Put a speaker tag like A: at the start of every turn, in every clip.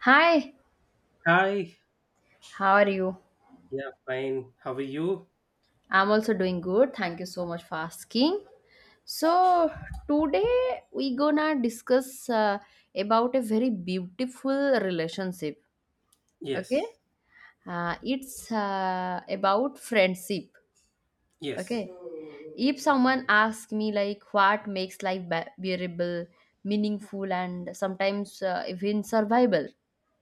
A: Hi,
B: Hi.
A: how are you?
B: Yeah, fine. How are you?
A: I'm also doing good. Thank you so much for asking. So today we gonna discuss about a very beautiful relationship. Okay,
B: Yes.
A: it's about friendship.
B: Yes.
A: Okay, if someone asks me like what makes life bearable, meaningful, and sometimes even survival,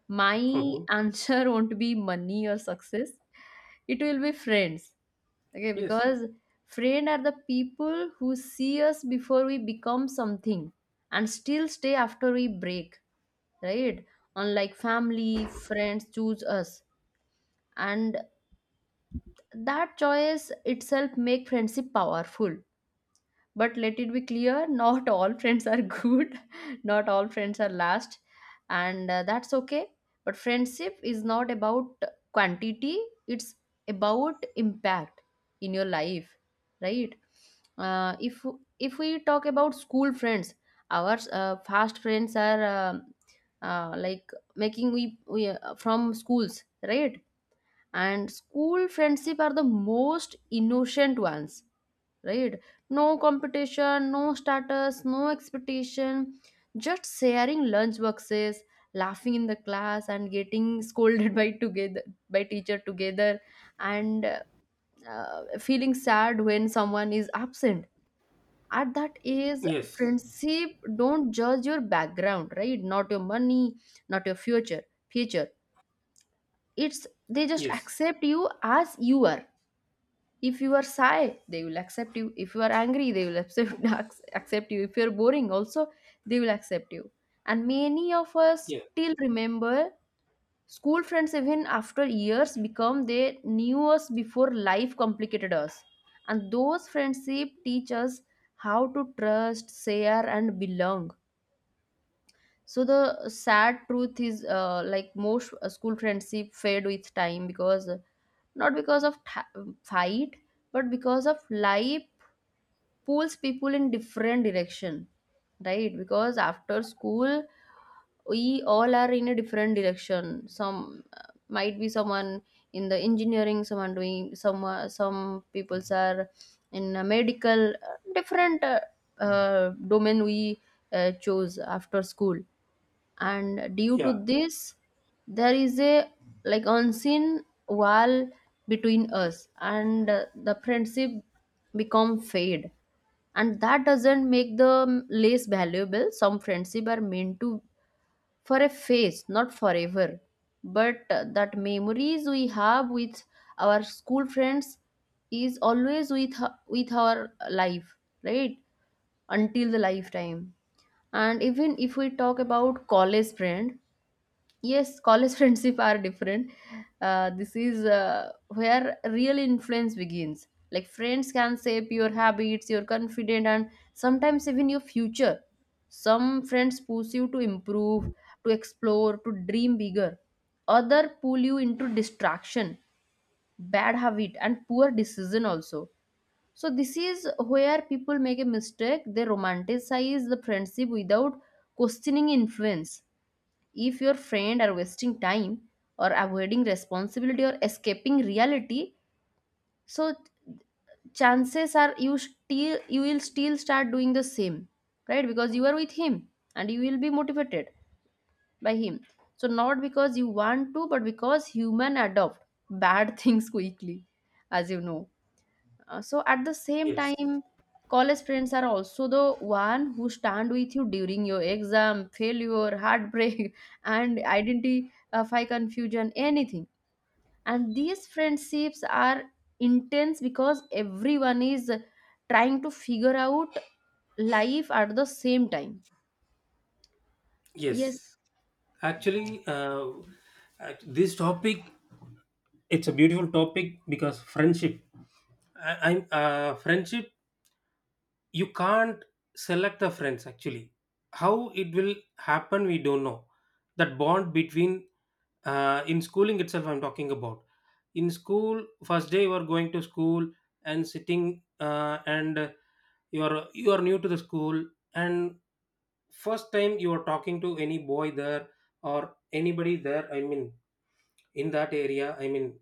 A: my
B: Mhm.
A: answer won't be money or success. It will be friends. Okay,
B: Yes.
A: because friend are the people who see us before we become something and still stay after we break, right? Unlike family, friends choose us, and that choice itself make friendship powerful. But let it be clear, not all friends are good, not all friends are last, and that's okay. But friendship is not about quantity, it's about impact in your life, right? Uh, if if we talk about school friends, our fast friends are like making we, from schools, right? And school friendship are the most innocent ones, right? No competition, no status, no expectation, just sharing lunch boxes, laughing in the class, and getting scolded by together, by teacher together, and feeling sad when someone is absent. At that age,
B: Yes.
A: friendship don't judge your background, right? Not your money, not your future. It's they just
B: Yes.
A: accept you as you are. If you are shy, they will accept you. If you are angry, they will accept accept you. If you are boring also, they will accept you. And many of us
B: Yeah.
A: still remember school friends even after years, become they knew us before life complicated us. And those friendship teach us how to trust, share, and belong. So the sad truth is, like most school friendship fade with time because not because of ta fight, but because of life pulls people in different direction, right? Because after school, we all are in a different direction. Some might be someone in the engineering, someone doing some people's are in a medical, different domain we chose after school. And due to
B: Yeah.
A: this, there is a like unseen wall between us, and the friendship become fade. And that doesn't make them less valuable. Some friendship are meant to for a phase, not forever. But that memories we have with our school friends is always with our life, right? Until the lifetime. And even if we talk about college friend. Yes, college friendship are different. This is where real influence begins. Like friends can shape your habits, your confidence, and sometimes even your future. Some friends push you to improve, to explore, to dream bigger. Other pull you into distraction, bad habit, and poor decision also. So this is where people make a mistake. They romanticize the friendship without questioning influence. If your friend are wasting time or avoiding responsibility or escaping reality, so chances are you will still start doing the same, right? Because you are with him and you will be motivated by him. So not because you want to, but because human adopt bad things quickly, as you know. So at the same
B: Yes.
A: time, college friends are also the one who stand with you during your exam, failure, heartbreak, and identify confusion, anything. And these friendships are intense because everyone is trying to figure out life at the same time. Yes.
B: Yes. Actually, this topic, it's a beautiful topic because friendship. I, I'm friendship you can't select the friends actually, how it will happen we don't know, that bond between, in schooling itself I'm talking about. In school first day you are going to school and sitting, and you are new to the school. And first time you are talking to any boy there or anybody there, I mean in that area, I mean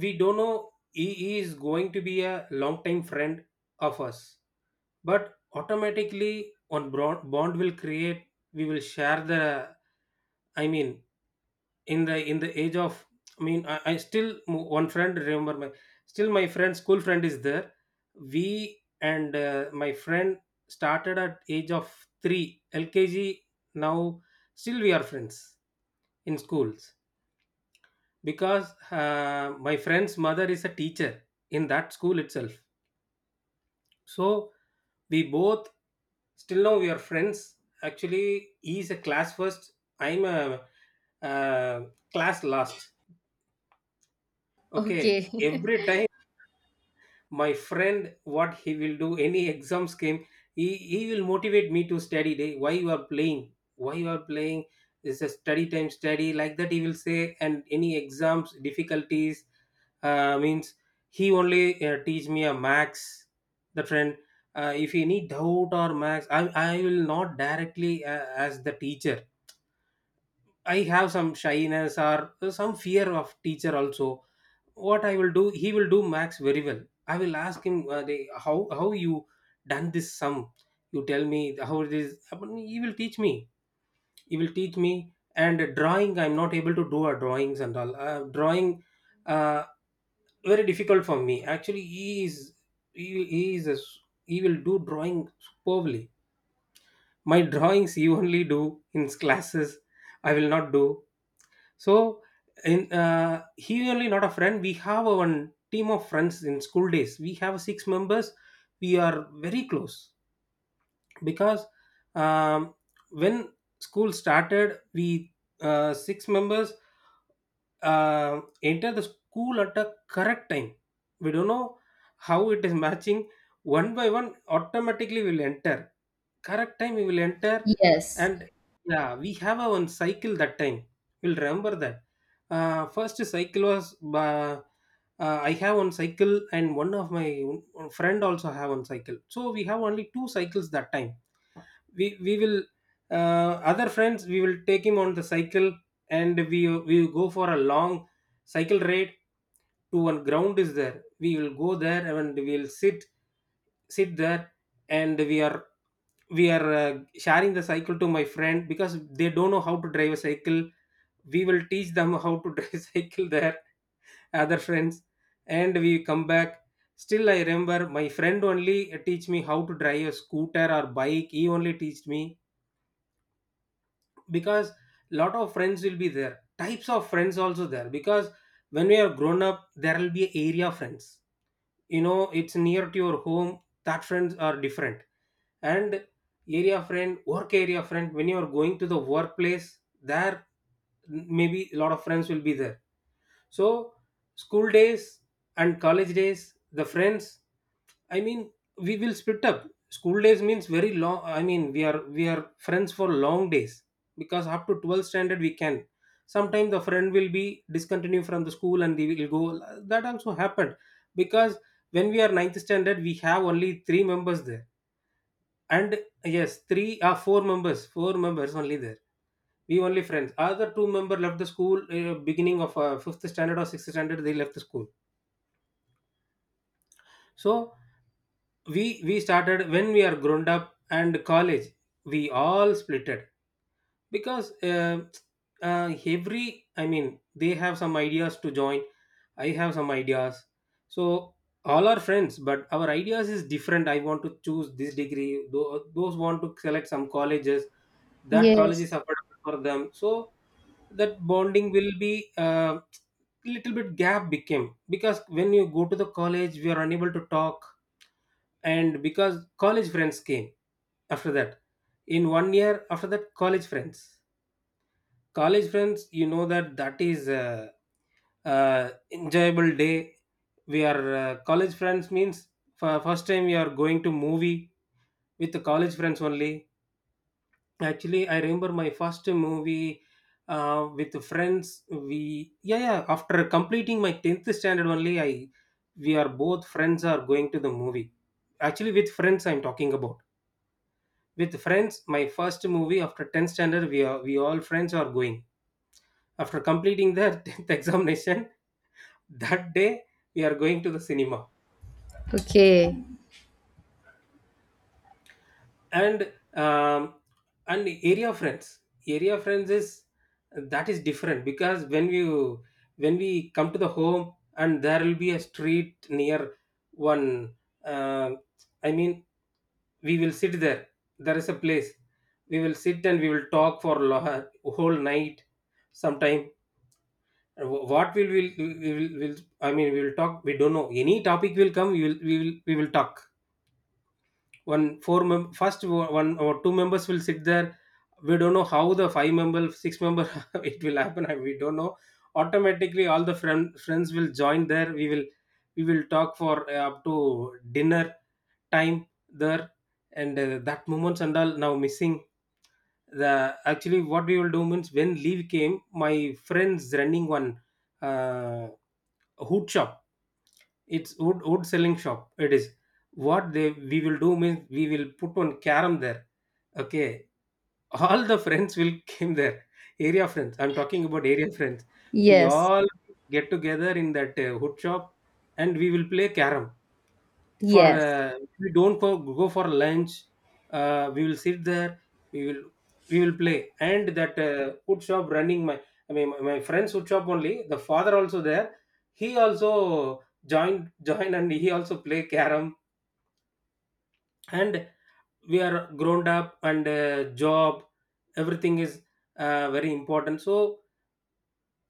B: we don't know he is going to be a long time friend of us. But automatically on bond will create, we will share the, I mean, in the age of, I mean I still one friend remember my. Still my friend school friend is there, we and, my friend started at age of 3 LKG. Now still we are friends in schools, because my friend's mother is a teacher in that school itself. So we both, still now we are friends, actually he is a class first, I'm a, uh class last. Okay,
A: Okay.
B: every time my friend, what he will do, any exams came, he will motivate me to study day, why you are playing, why you are playing is a study time, study, like that he will say. And any exams difficulties, means he only teach me a max, the friend, if any doubt or max I will not directly, as the teacher. I have some shyness or some fear of teacher also. What I will do, he will do max very well. I will ask him, how you done this sum, you tell me how it is. He will teach me he will teach me and drawing I'm not able to do a drawings and all, drawing, uh, very difficult for me. Actually he is, he is a, he will do drawing superbly. My drawings he only do in classes, I will not do. So in he only not a friend. We have a one team of friends in school days. We have six members. We are very close because, um, when school started, we, six members enter the school at a correct time. We don't know how it is matching. One by one, automatically we'll enter. Correct time we will enter,
A: Yes.
B: and yeah, we have our own cycle that time. We'll remember that. First cycle was, I have one cycle, and one of my friend also have one cycle. So we have only two cycles that time, we will, other friends we will take him on the cycle, and we will go for a long cycle ride, to one ground is there, we will go there and we'll sit there. And we are sharing the cycle to my friend, because they don't know how to drive a cycle. We will teach them how to drive cycle there, other friends, and we come back. Still I remember my friend only teach me how to drive a scooter or bike, he only teach me. Because lot of friends will be there, types of friends also there, because when we are grown up there will be area friends, you know it's near to your home, that friends are different. And area friend, work area friend, when you are going to the workplace there maybe a lot of friends will be there. So school days and college days, the friends, I mean, we will split up. School days means very long. I mean we are friends for long days, because up to 12th standard we can, sometimes the friend will be discontinued from the school and they will go, that also happened. Because when we are ninth standard we have only three members there. And yes, three, four members, only there. We only friends, other two-member left the school, beginning of fifth standard or sixth standard, they left the school. So we started when we are grown up, and college, we all splitted. Because, every, I mean they have some ideas to join, I have some ideas. So all are friends but our ideas is different. I want to choose this degree, those want to select some colleges, that college is
A: Yes.
B: affordable for them, so that bonding will be, little bit gap became, because when you go to the college we are unable to talk. And because college friends came after that in one year, after that, college friends you know that, that is a, enjoyable day. We are college friends means, for first time we are going to movie with the college friends only. Actually I remember my first movie, with the friends we, yeah, yeah, after completing my 10th standard only I, we are both friends are going to the movie. Actually with friends I'm talking about. With friends, my first movie after 10th standard, we all friends are going after completing the 10th examination, that day we are going to the cinema.
A: Okay.
B: And, and Area friends is that is different, because when we come to the home, and there will be a street near one, uh, I mean we will sit there, there is a place, we will sit and we will talk for whole night sometime. What will I mean we will talk. We don't know any topic will come, we will talk. One four first one or two members will sit there. We don't know how the five member, six member it will happen, and we don't know, automatically all the friends will join there, we will, we will talk for, up to dinner time there. And, that moments and all now missing. The actually, what we will do means, when leave came, my friends running one, uh, hood shop. It's wood selling shop. It is. What they we will do means, we will put one carom there. Okay, all the friends will came there. Area friends. I'm talking about area friends. We
A: Yes.
B: all get together in that wood shop, and we will play carom for,
A: Yes.
B: if we don't go for lunch, we will sit there, we will we will play, and that wood shop running my, I mean my friend's wood shop only, the father also there. He also joined and he also play carom. And we are grown up, and job everything is, very important. So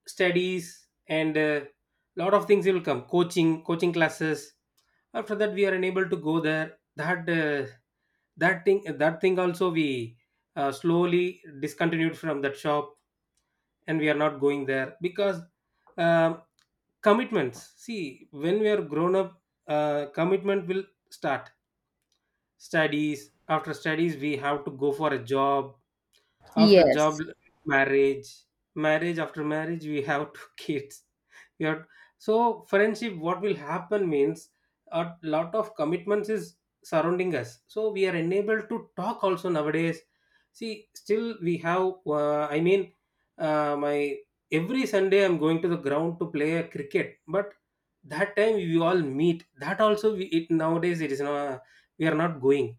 B: studies, and a lot of things will come, coaching classes. After that we are unable to go there, that, that thing, also we, slowly discontinued from that shop. And we are not going there because, um, commitments. See, when we are grown up, commitment will start. Studies, after studies we have to go for a job, after job,
A: Yes.
B: marriage marriage, after marriage we have two kids, we have, so friendship what will happen means, a lot of commitments is surrounding us, so we are unable to talk also nowadays. See, still we have, I mean, my every Sunday I'm going to the ground to play a cricket, but that time we all meet, that also, nowadays it is not, we are not going.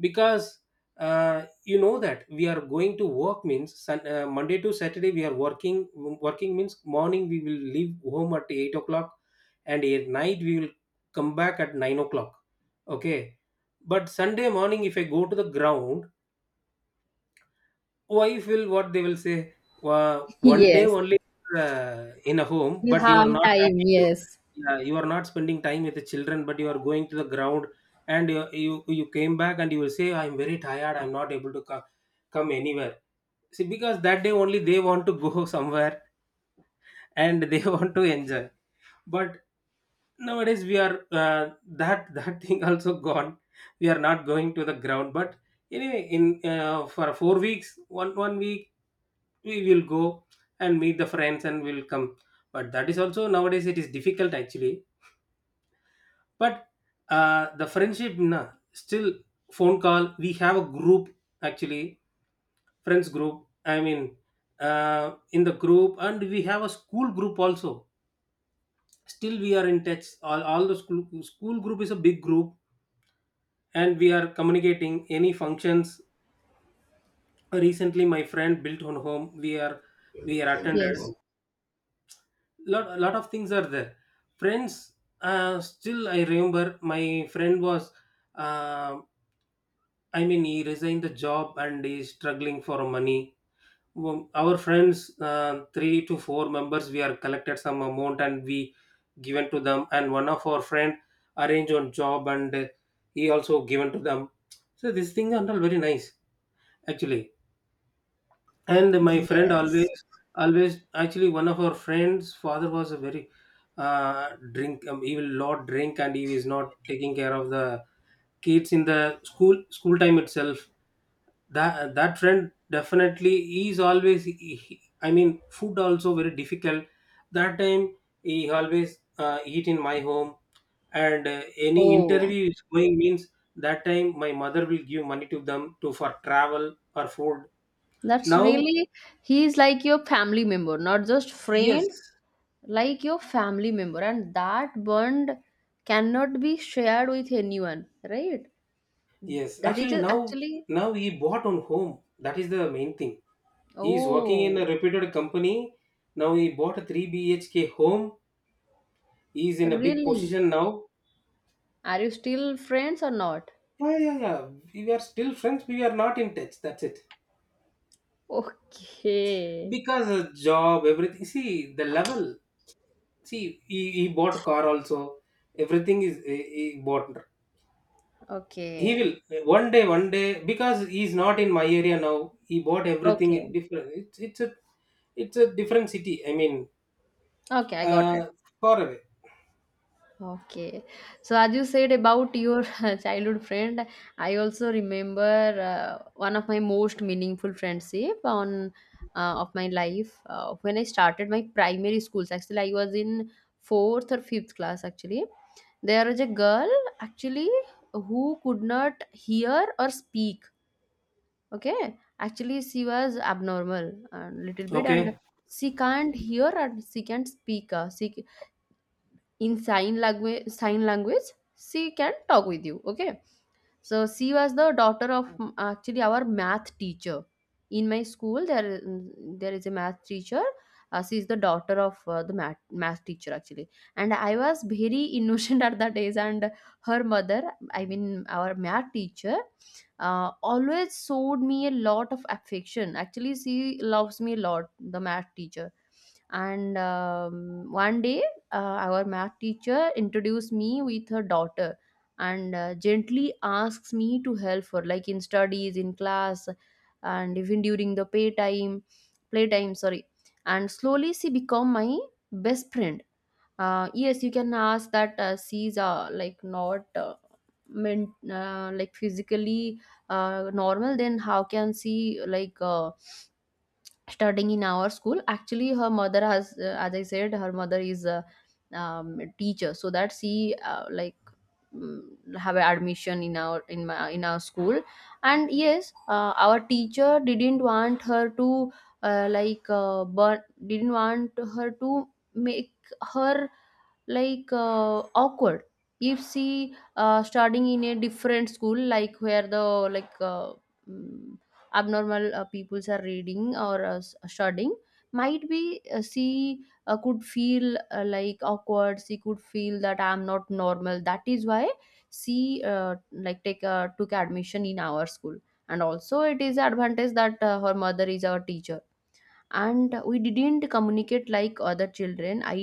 B: Because, you know that we are going to work means, Monday to Saturday we are working. Working means morning we will leave home at 8 o'clock, and at night we will come back at 9 o'clock. Okay, but Sunday morning if I go to the ground, wife will, what they will say, one day
A: Yes.
B: only, in a home,
A: You
B: but you
A: have
B: are not
A: time.
B: talking to,
A: Yes.
B: yeah, you are not spending time with the children but you are going to the ground, and you came back and you will say I'm very tired, I'm not able to come anywhere. See, because that day only they want to go somewhere, and they want to enjoy. But nowadays we are, that thing also gone, we are not going to the ground. But anyway, in for 4 weeks one week we will go and meet the friends and we'll come. But that is also nowadays it is difficult actually. But, the friendship na, still phone call we have a group. Actually friends group, I mean, in the group, and we have a school group also, still we are in touch, all the school group is a big group, and we are communicating any functions. Recently my friend built on home We are attended
A: Yes.
B: lot of things are there, friends. Still I remember my friend was, uh, I mean, he resigned the job and he is struggling for money. Our friends, three to four members, we are collected some amount and we given to them. And one of our friend arranged on job, and he also given to them. So this thing are all very nice, actually. And my friend
A: Yes.
B: always, always, actually, one of our friends father was a very drink, he will lot drink and he is not taking care of the kids in the school time itself. That that friend, definitely, he is always I mean, food also very difficult that time. He always eat in my home. And any
A: Oh,
B: interview is going means, that time my mother will give money to them, to for travel or food.
A: that's
B: Now,
A: really, he's like your family member, not just
B: yes,
A: friend, like your family member. And that bond cannot be shared with anyone, right?
B: yes.
A: That is
B: Actually,
A: just
B: now,
A: actually,
B: now he bought on home. That is the main thing. He is working in
A: oh,
B: a reputed company. Now he bought a three BHK home. He is in a big
A: really?
B: position now.
A: Are you still friends or not?
B: Yeah, yeah, yeah. We are still friends. We are not in touch. That's it.
A: Okay.
B: Because job, everything. See the level. See, he bought car also. Everything is he bought. He
A: Okay.
B: will one day, one day, because he's not in my area now. He bought everything in
A: Okay.
B: different. It's a, it's a different city. I mean,
A: Okay, I got it.
B: uh, far away.
A: Okay. So as you said about your childhood friend, I also remember one of my most meaningful friendship on of my life when I started my primary schools. Actually, I was in fourth or fifth class. Actually, there was a girl, actually, who could not hear or speak. Okay, actually she was abnormal a little bit, and
B: Okay,
A: she can't hear and she can't speak. She in sign language she can talk with you, okay? So she was the daughter of actually our math teacher. In my school, there is a math teacher. She is the daughter of the math teacher, actually, and I was very innocent at that age. And her mother, I mean our math teacher, always showed me a lot of affection. Actually, she loves me a lot, the math teacher. And one day, our math teacher introduced me with her daughter and gently asks me to help her like in studies in class, and even during the pay time playtime sorry and slowly she become my best friend. Yes, you can ask that she's like not meant like physically normal, then how can she studying in our school? Actually, her mother has, as I said, her mother is a teacher, so that she like mm, have an admission in our in our school. And yes, our teacher didn't want her to but didn't want her to make her like awkward. If she studying in a different school, like where the like uh, mm, abnormal peoples are reading or studying, might be she could feel like awkward. She could feel that I'm not normal. That is why she like take took admission in our school. And also it is advantage that her mother is our teacher. And we didn't communicate like other children. I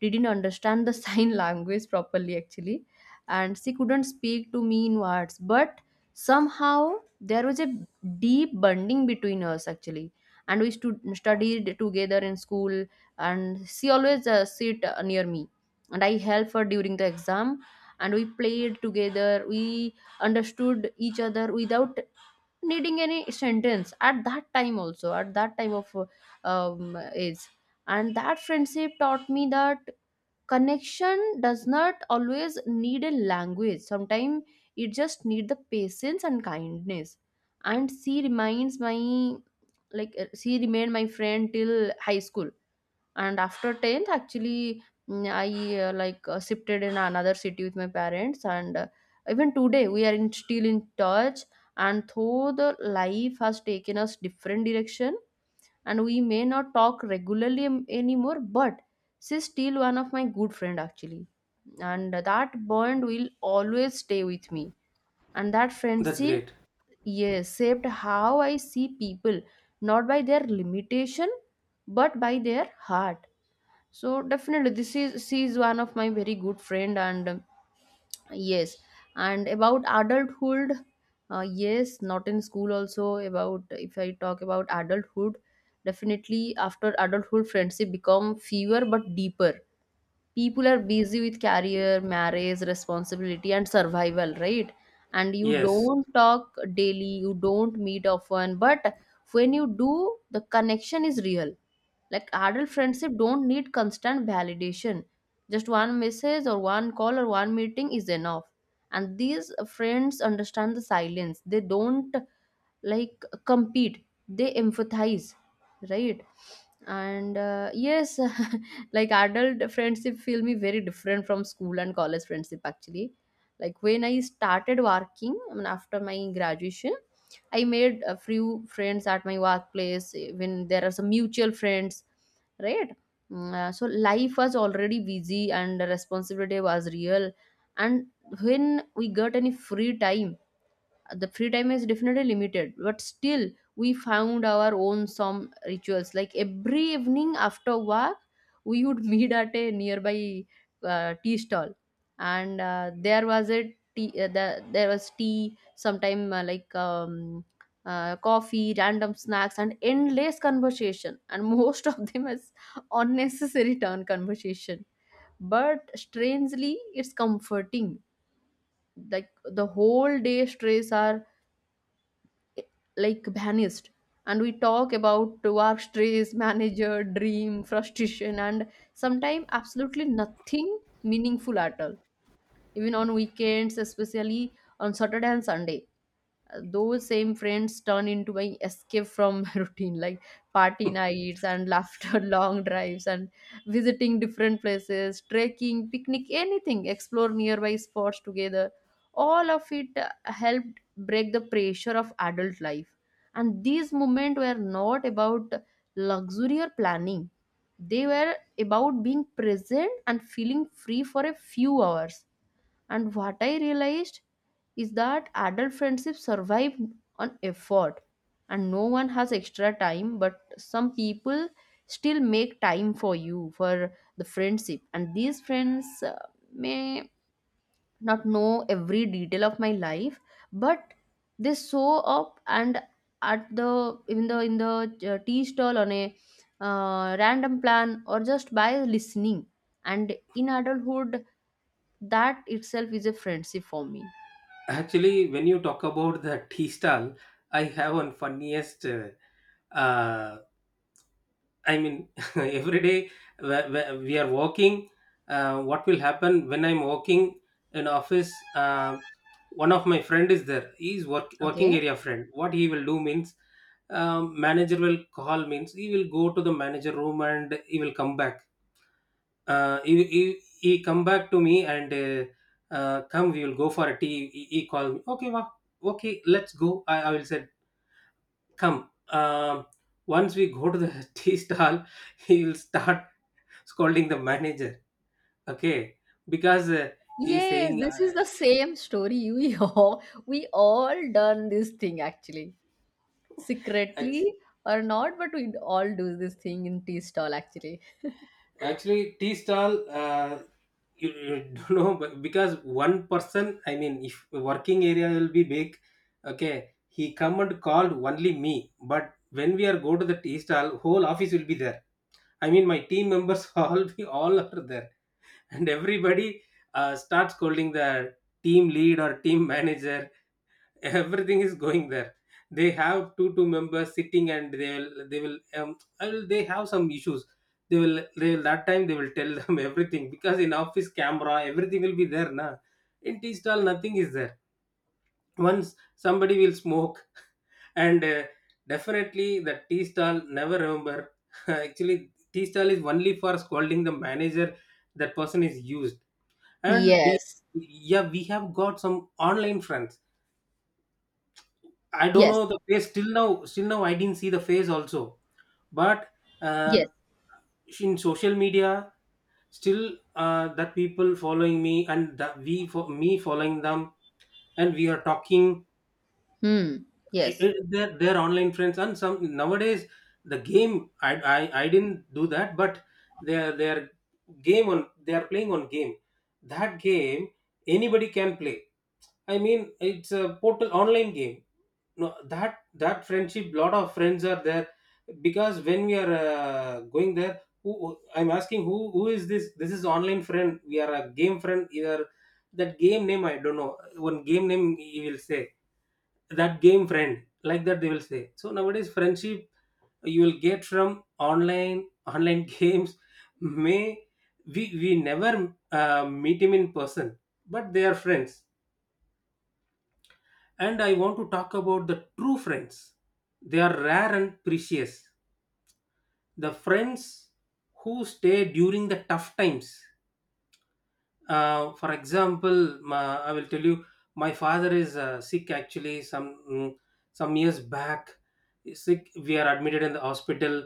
A: didn't understand the sign language properly, actually. And she couldn't speak to me in words, but somehow there was a deep bonding between us, actually. And we stood studied together in school. And she always sit near me, and I help her during the exam. And we played together, we understood each other without needing any sentence at that time, also at that time of age. And that friendship taught me that connection does not always need a language. Sometimes it just need the patience and kindness. And she remained my friend till high school. And after 10th, actually, I like shifted in another city with my parents. And even today we are still in touch. And though the life has taken us different direction, and we may not talk regularly anymore, but she's still one of my good friend, actually. And that bond will always stay with me. And that
B: that's
A: friendship,
B: great.
A: yes, shaped how I see people, not by their limitation, but by their heart. So definitely, this is she is one of my very good friend. And yes, and about adulthood, yes, not in school also. About if I talk about adulthood, definitely after adulthood, friendship become fewer but deeper. People are busy with career, marriage, responsibility, and survival, right? And you
B: Yes,
A: don't talk daily, you don't meet often, but when you do, the connection is real. Like adult friendship don't need constant validation. Just one message or one call or one meeting is enough. And these friends understand the silence. They don't like compete. They empathize, right? And yes, like adult friendship feel me very different from school and college friendship, actually. Like when I started working, I mean after my graduation, I made a few friends at my workplace, when there are some mutual friends, right? So life was already busy and the responsibility was real. And when we got any free time, the free time is definitely limited, but still we found our own some rituals. Like every evening after work, we would meet at a nearby tea stall. And there was tea sometime coffee, random snacks, and endless conversation, and most of them is unnecessary turn conversation, but strangely it's comforting. Like the whole day stress are like vanished. And we talk about work stress, manager, dream, frustration, and sometimes absolutely nothing meaningful at all. Even on weekends, especially on Saturday and Sunday, those same friends turn into my escape from routine. Like party nights and laughter long drives and visiting different places, trekking, picnic, anything, explore nearby spots together. All of it helped break the pressure of adult life. And these moments were not about luxury or planning. They were about being present and feeling free for a few hours. And what I realized is that adult friendships survive on effort. And no one has extra time, but some people still make time for you for the friendship. And these friends may not know every detail of my life, but they show up, and at the in the in the tea stall, on a random plan, or just by listening. And in adulthood, that itself is a friendship for me.
B: actually, when you talk about the tea stall, I have one funniest, uh, I mean, every day we are working. What will happen when I'm working in office? One of my friend is there. He's work working
A: Okay.
B: area friend. What he will do means, manager will call means he will go to the manager room and he will come back. He come back to me and come. We will go for a tea. He call me. Okay, wow. Okay, let's go. I will say come. Um, once we go to the tea stall, he will start scolding the manager. Okay, because he's
A: Yes,
B: saying,
A: this is the same story. We we all done this thing, actually.
B: act-
A: Secretly or not, but we all do this thing in tea stall, actually.
B: actually tea stall. You don't know, but because one person, I mean, if working area will be big, okay, he come and called only me. But when we are go to the tea stall, whole office will be there. I mean, my team members all be all are there, and everybody starts scolding the team lead or team manager. Everything is going there. They have two members sitting, and they will, they have some issues. They will, that time they will tell them everything, because in office camera everything will be there, na. In tea stall nothing is there. Once somebody will smoke and definitely the tea stall never remember, actually tea stall is only for scolding the manager. That person is used. And we,
A: Yes.
B: yeah, we have got some online friends. I don't
A: Yes.
B: know the face till now. Still now, I didn't see the face also. But uh,
A: Yes.
B: in social media, still that people following me and that we for me following them, and we are talking.
A: Hmm. Yes.
B: They're online friends. And some nowadays the game. I didn't do that, but they're game on. They are playing on game. That game anybody can play. I mean, it's a portal online game. No, that friendship, lot of friends are there. Because when we are going there, I'm asking, who is this? This is online friend. We are a game friend. Either that game name I don't know. One game name you will say, that game friend, like that they will say. So nowadays friendship you will get from online games. May we never meet him in person, but they are friends. And I want to talk about the true friends. They are rare and precious. The friends who stay during the tough times. For example, I will tell you, my father is sick actually some, some years back. He's sick, we are admitted in the hospital.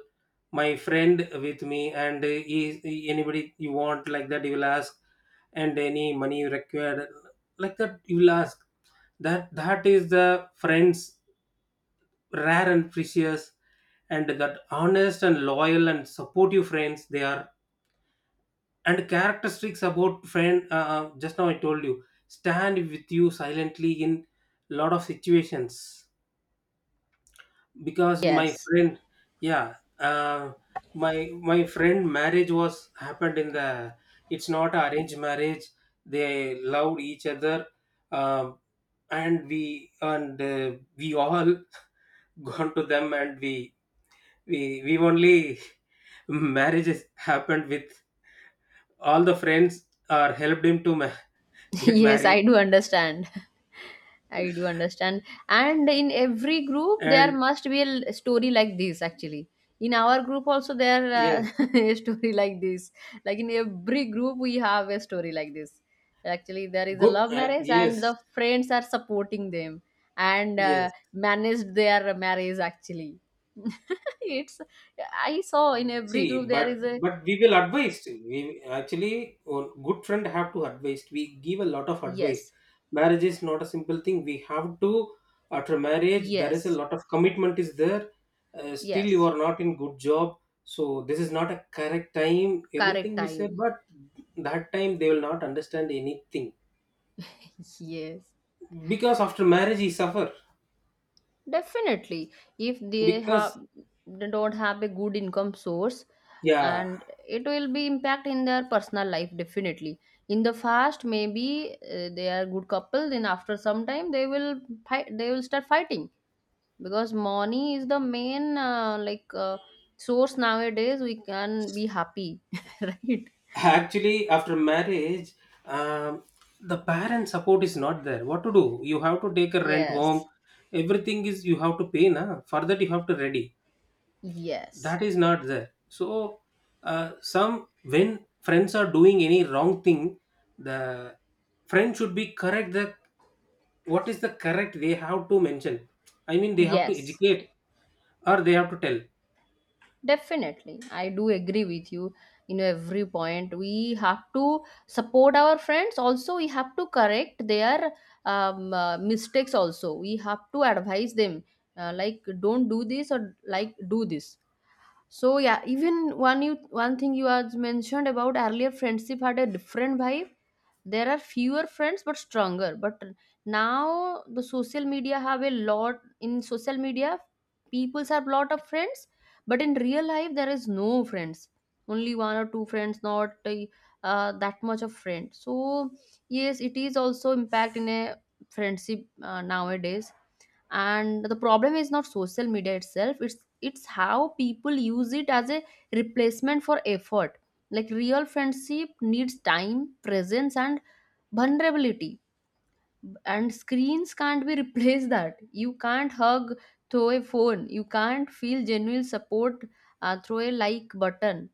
B: My friend with me, and anybody you want, like that, you will ask, and any money you require, like that, you will ask. That is the friends, rare and precious. And that honest and loyal and supportive friends they are. And characteristics about friend, just now I told you, stand with you silently in lot of situations. Because my
A: Yes.
B: friend, yeah, my friend marriage was happened in the, it's not arranged marriage, they loved each other. um, and we all gone to them, and we only marriages happened with all the friends, or helped him to get
A: Yes, I
B: married.
A: do understand. I do understand. And in every group, there
B: And
A: must be a story like this, actually. In our group, also, there
B: yes,
A: a story like this. Like in every group, we have a story like this. Actually, there is a
B: good,
A: love marriage, and
B: yes,
A: the friends are supporting them and
B: yes.
A: managed their marriage, actually. it's, I saw in every
B: See,
A: group, there is a.
B: but we will advise. We, actually, a good friend have to advise. We give a lot of advice.
A: Yes,
B: Marriage is not a simple thing. We have to, after marriage there is a
A: yes,
B: lot of commitment is there. Still, you
A: yes,
B: are not in good job. So this is not a correct time.
A: correct
B: Everything we say,
A: time.
B: but that time they will not understand anything,
A: Yes.
B: because after marriage he suffer.
A: Definitely, if they have
B: Because,
A: they don't have a good income source,
B: yeah,
A: and it will be impact in their personal life, definitely. In the first, maybe they are good couple. Then after some time, they will fight. They will start fighting because money is the main source nowadays. We can be happy, right?
B: actually, after marriage, um, the parent support is not there. What to do? You have to take a rent home.
A: Yes,
B: Everything is you have to pay, na. For that you have to ready.
A: yes,
B: That is not there. So some when friends are doing any wrong thing, the friend should be correct. The, what is the correct? They have to mention. I mean, they have to
A: yes.
B: educate, or they have to tell.
A: Definitely, I do agree with you in every point. We have to support our friends. Also, we have to correct their mistakes. Also, we have to advise them, like don't do this or like do this. So yeah, even one thing you had mentioned about earlier, friendship had a different vibe. There are fewer friends but stronger. But now the social media have a lot. In social media, peoples have lot of friends, but in real life there is no friends. Only one or two friends, not that much of friends. So yes, it is also impact in a friendship nowadays. And the problem is not social media itself, it's how people use it as a replacement for effort. Like real friendship needs time, presence, and vulnerability. And screens can't be replaced that. You can't hug through a phone, you can't feel genuine support through a like button.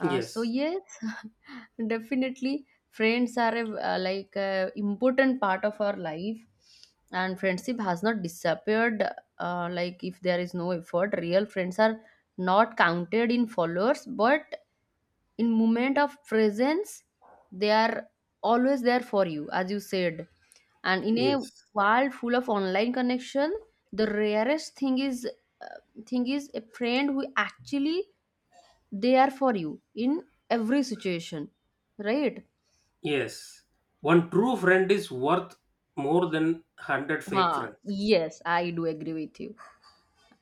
A: So
B: Yes.
A: yes, definitely, friends are a important part of our life, and friendship has not disappeared. Like if there is no effort, real friends are not counted in followers, but in moment of presence, they are always there for you, as you said. And in a
B: Yes.
A: world full of online connection, the rarest thing is uh, a friend who actually they are for you in every situation, right?
B: Yes, one true friend is worth more than 100
A: Ha,
B: fake friends.
A: yes, I do agree with you,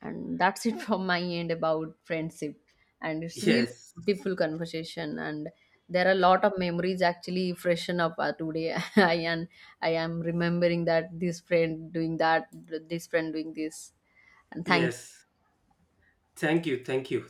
A: and that's it from my end about friendship. And it's really
B: Yes,
A: beautiful conversation, and there are a lot of memories actually freshen up today. i am I am remembering that this friend doing that, this friend doing this, and thank you.
B: yes. Thank you, thank you.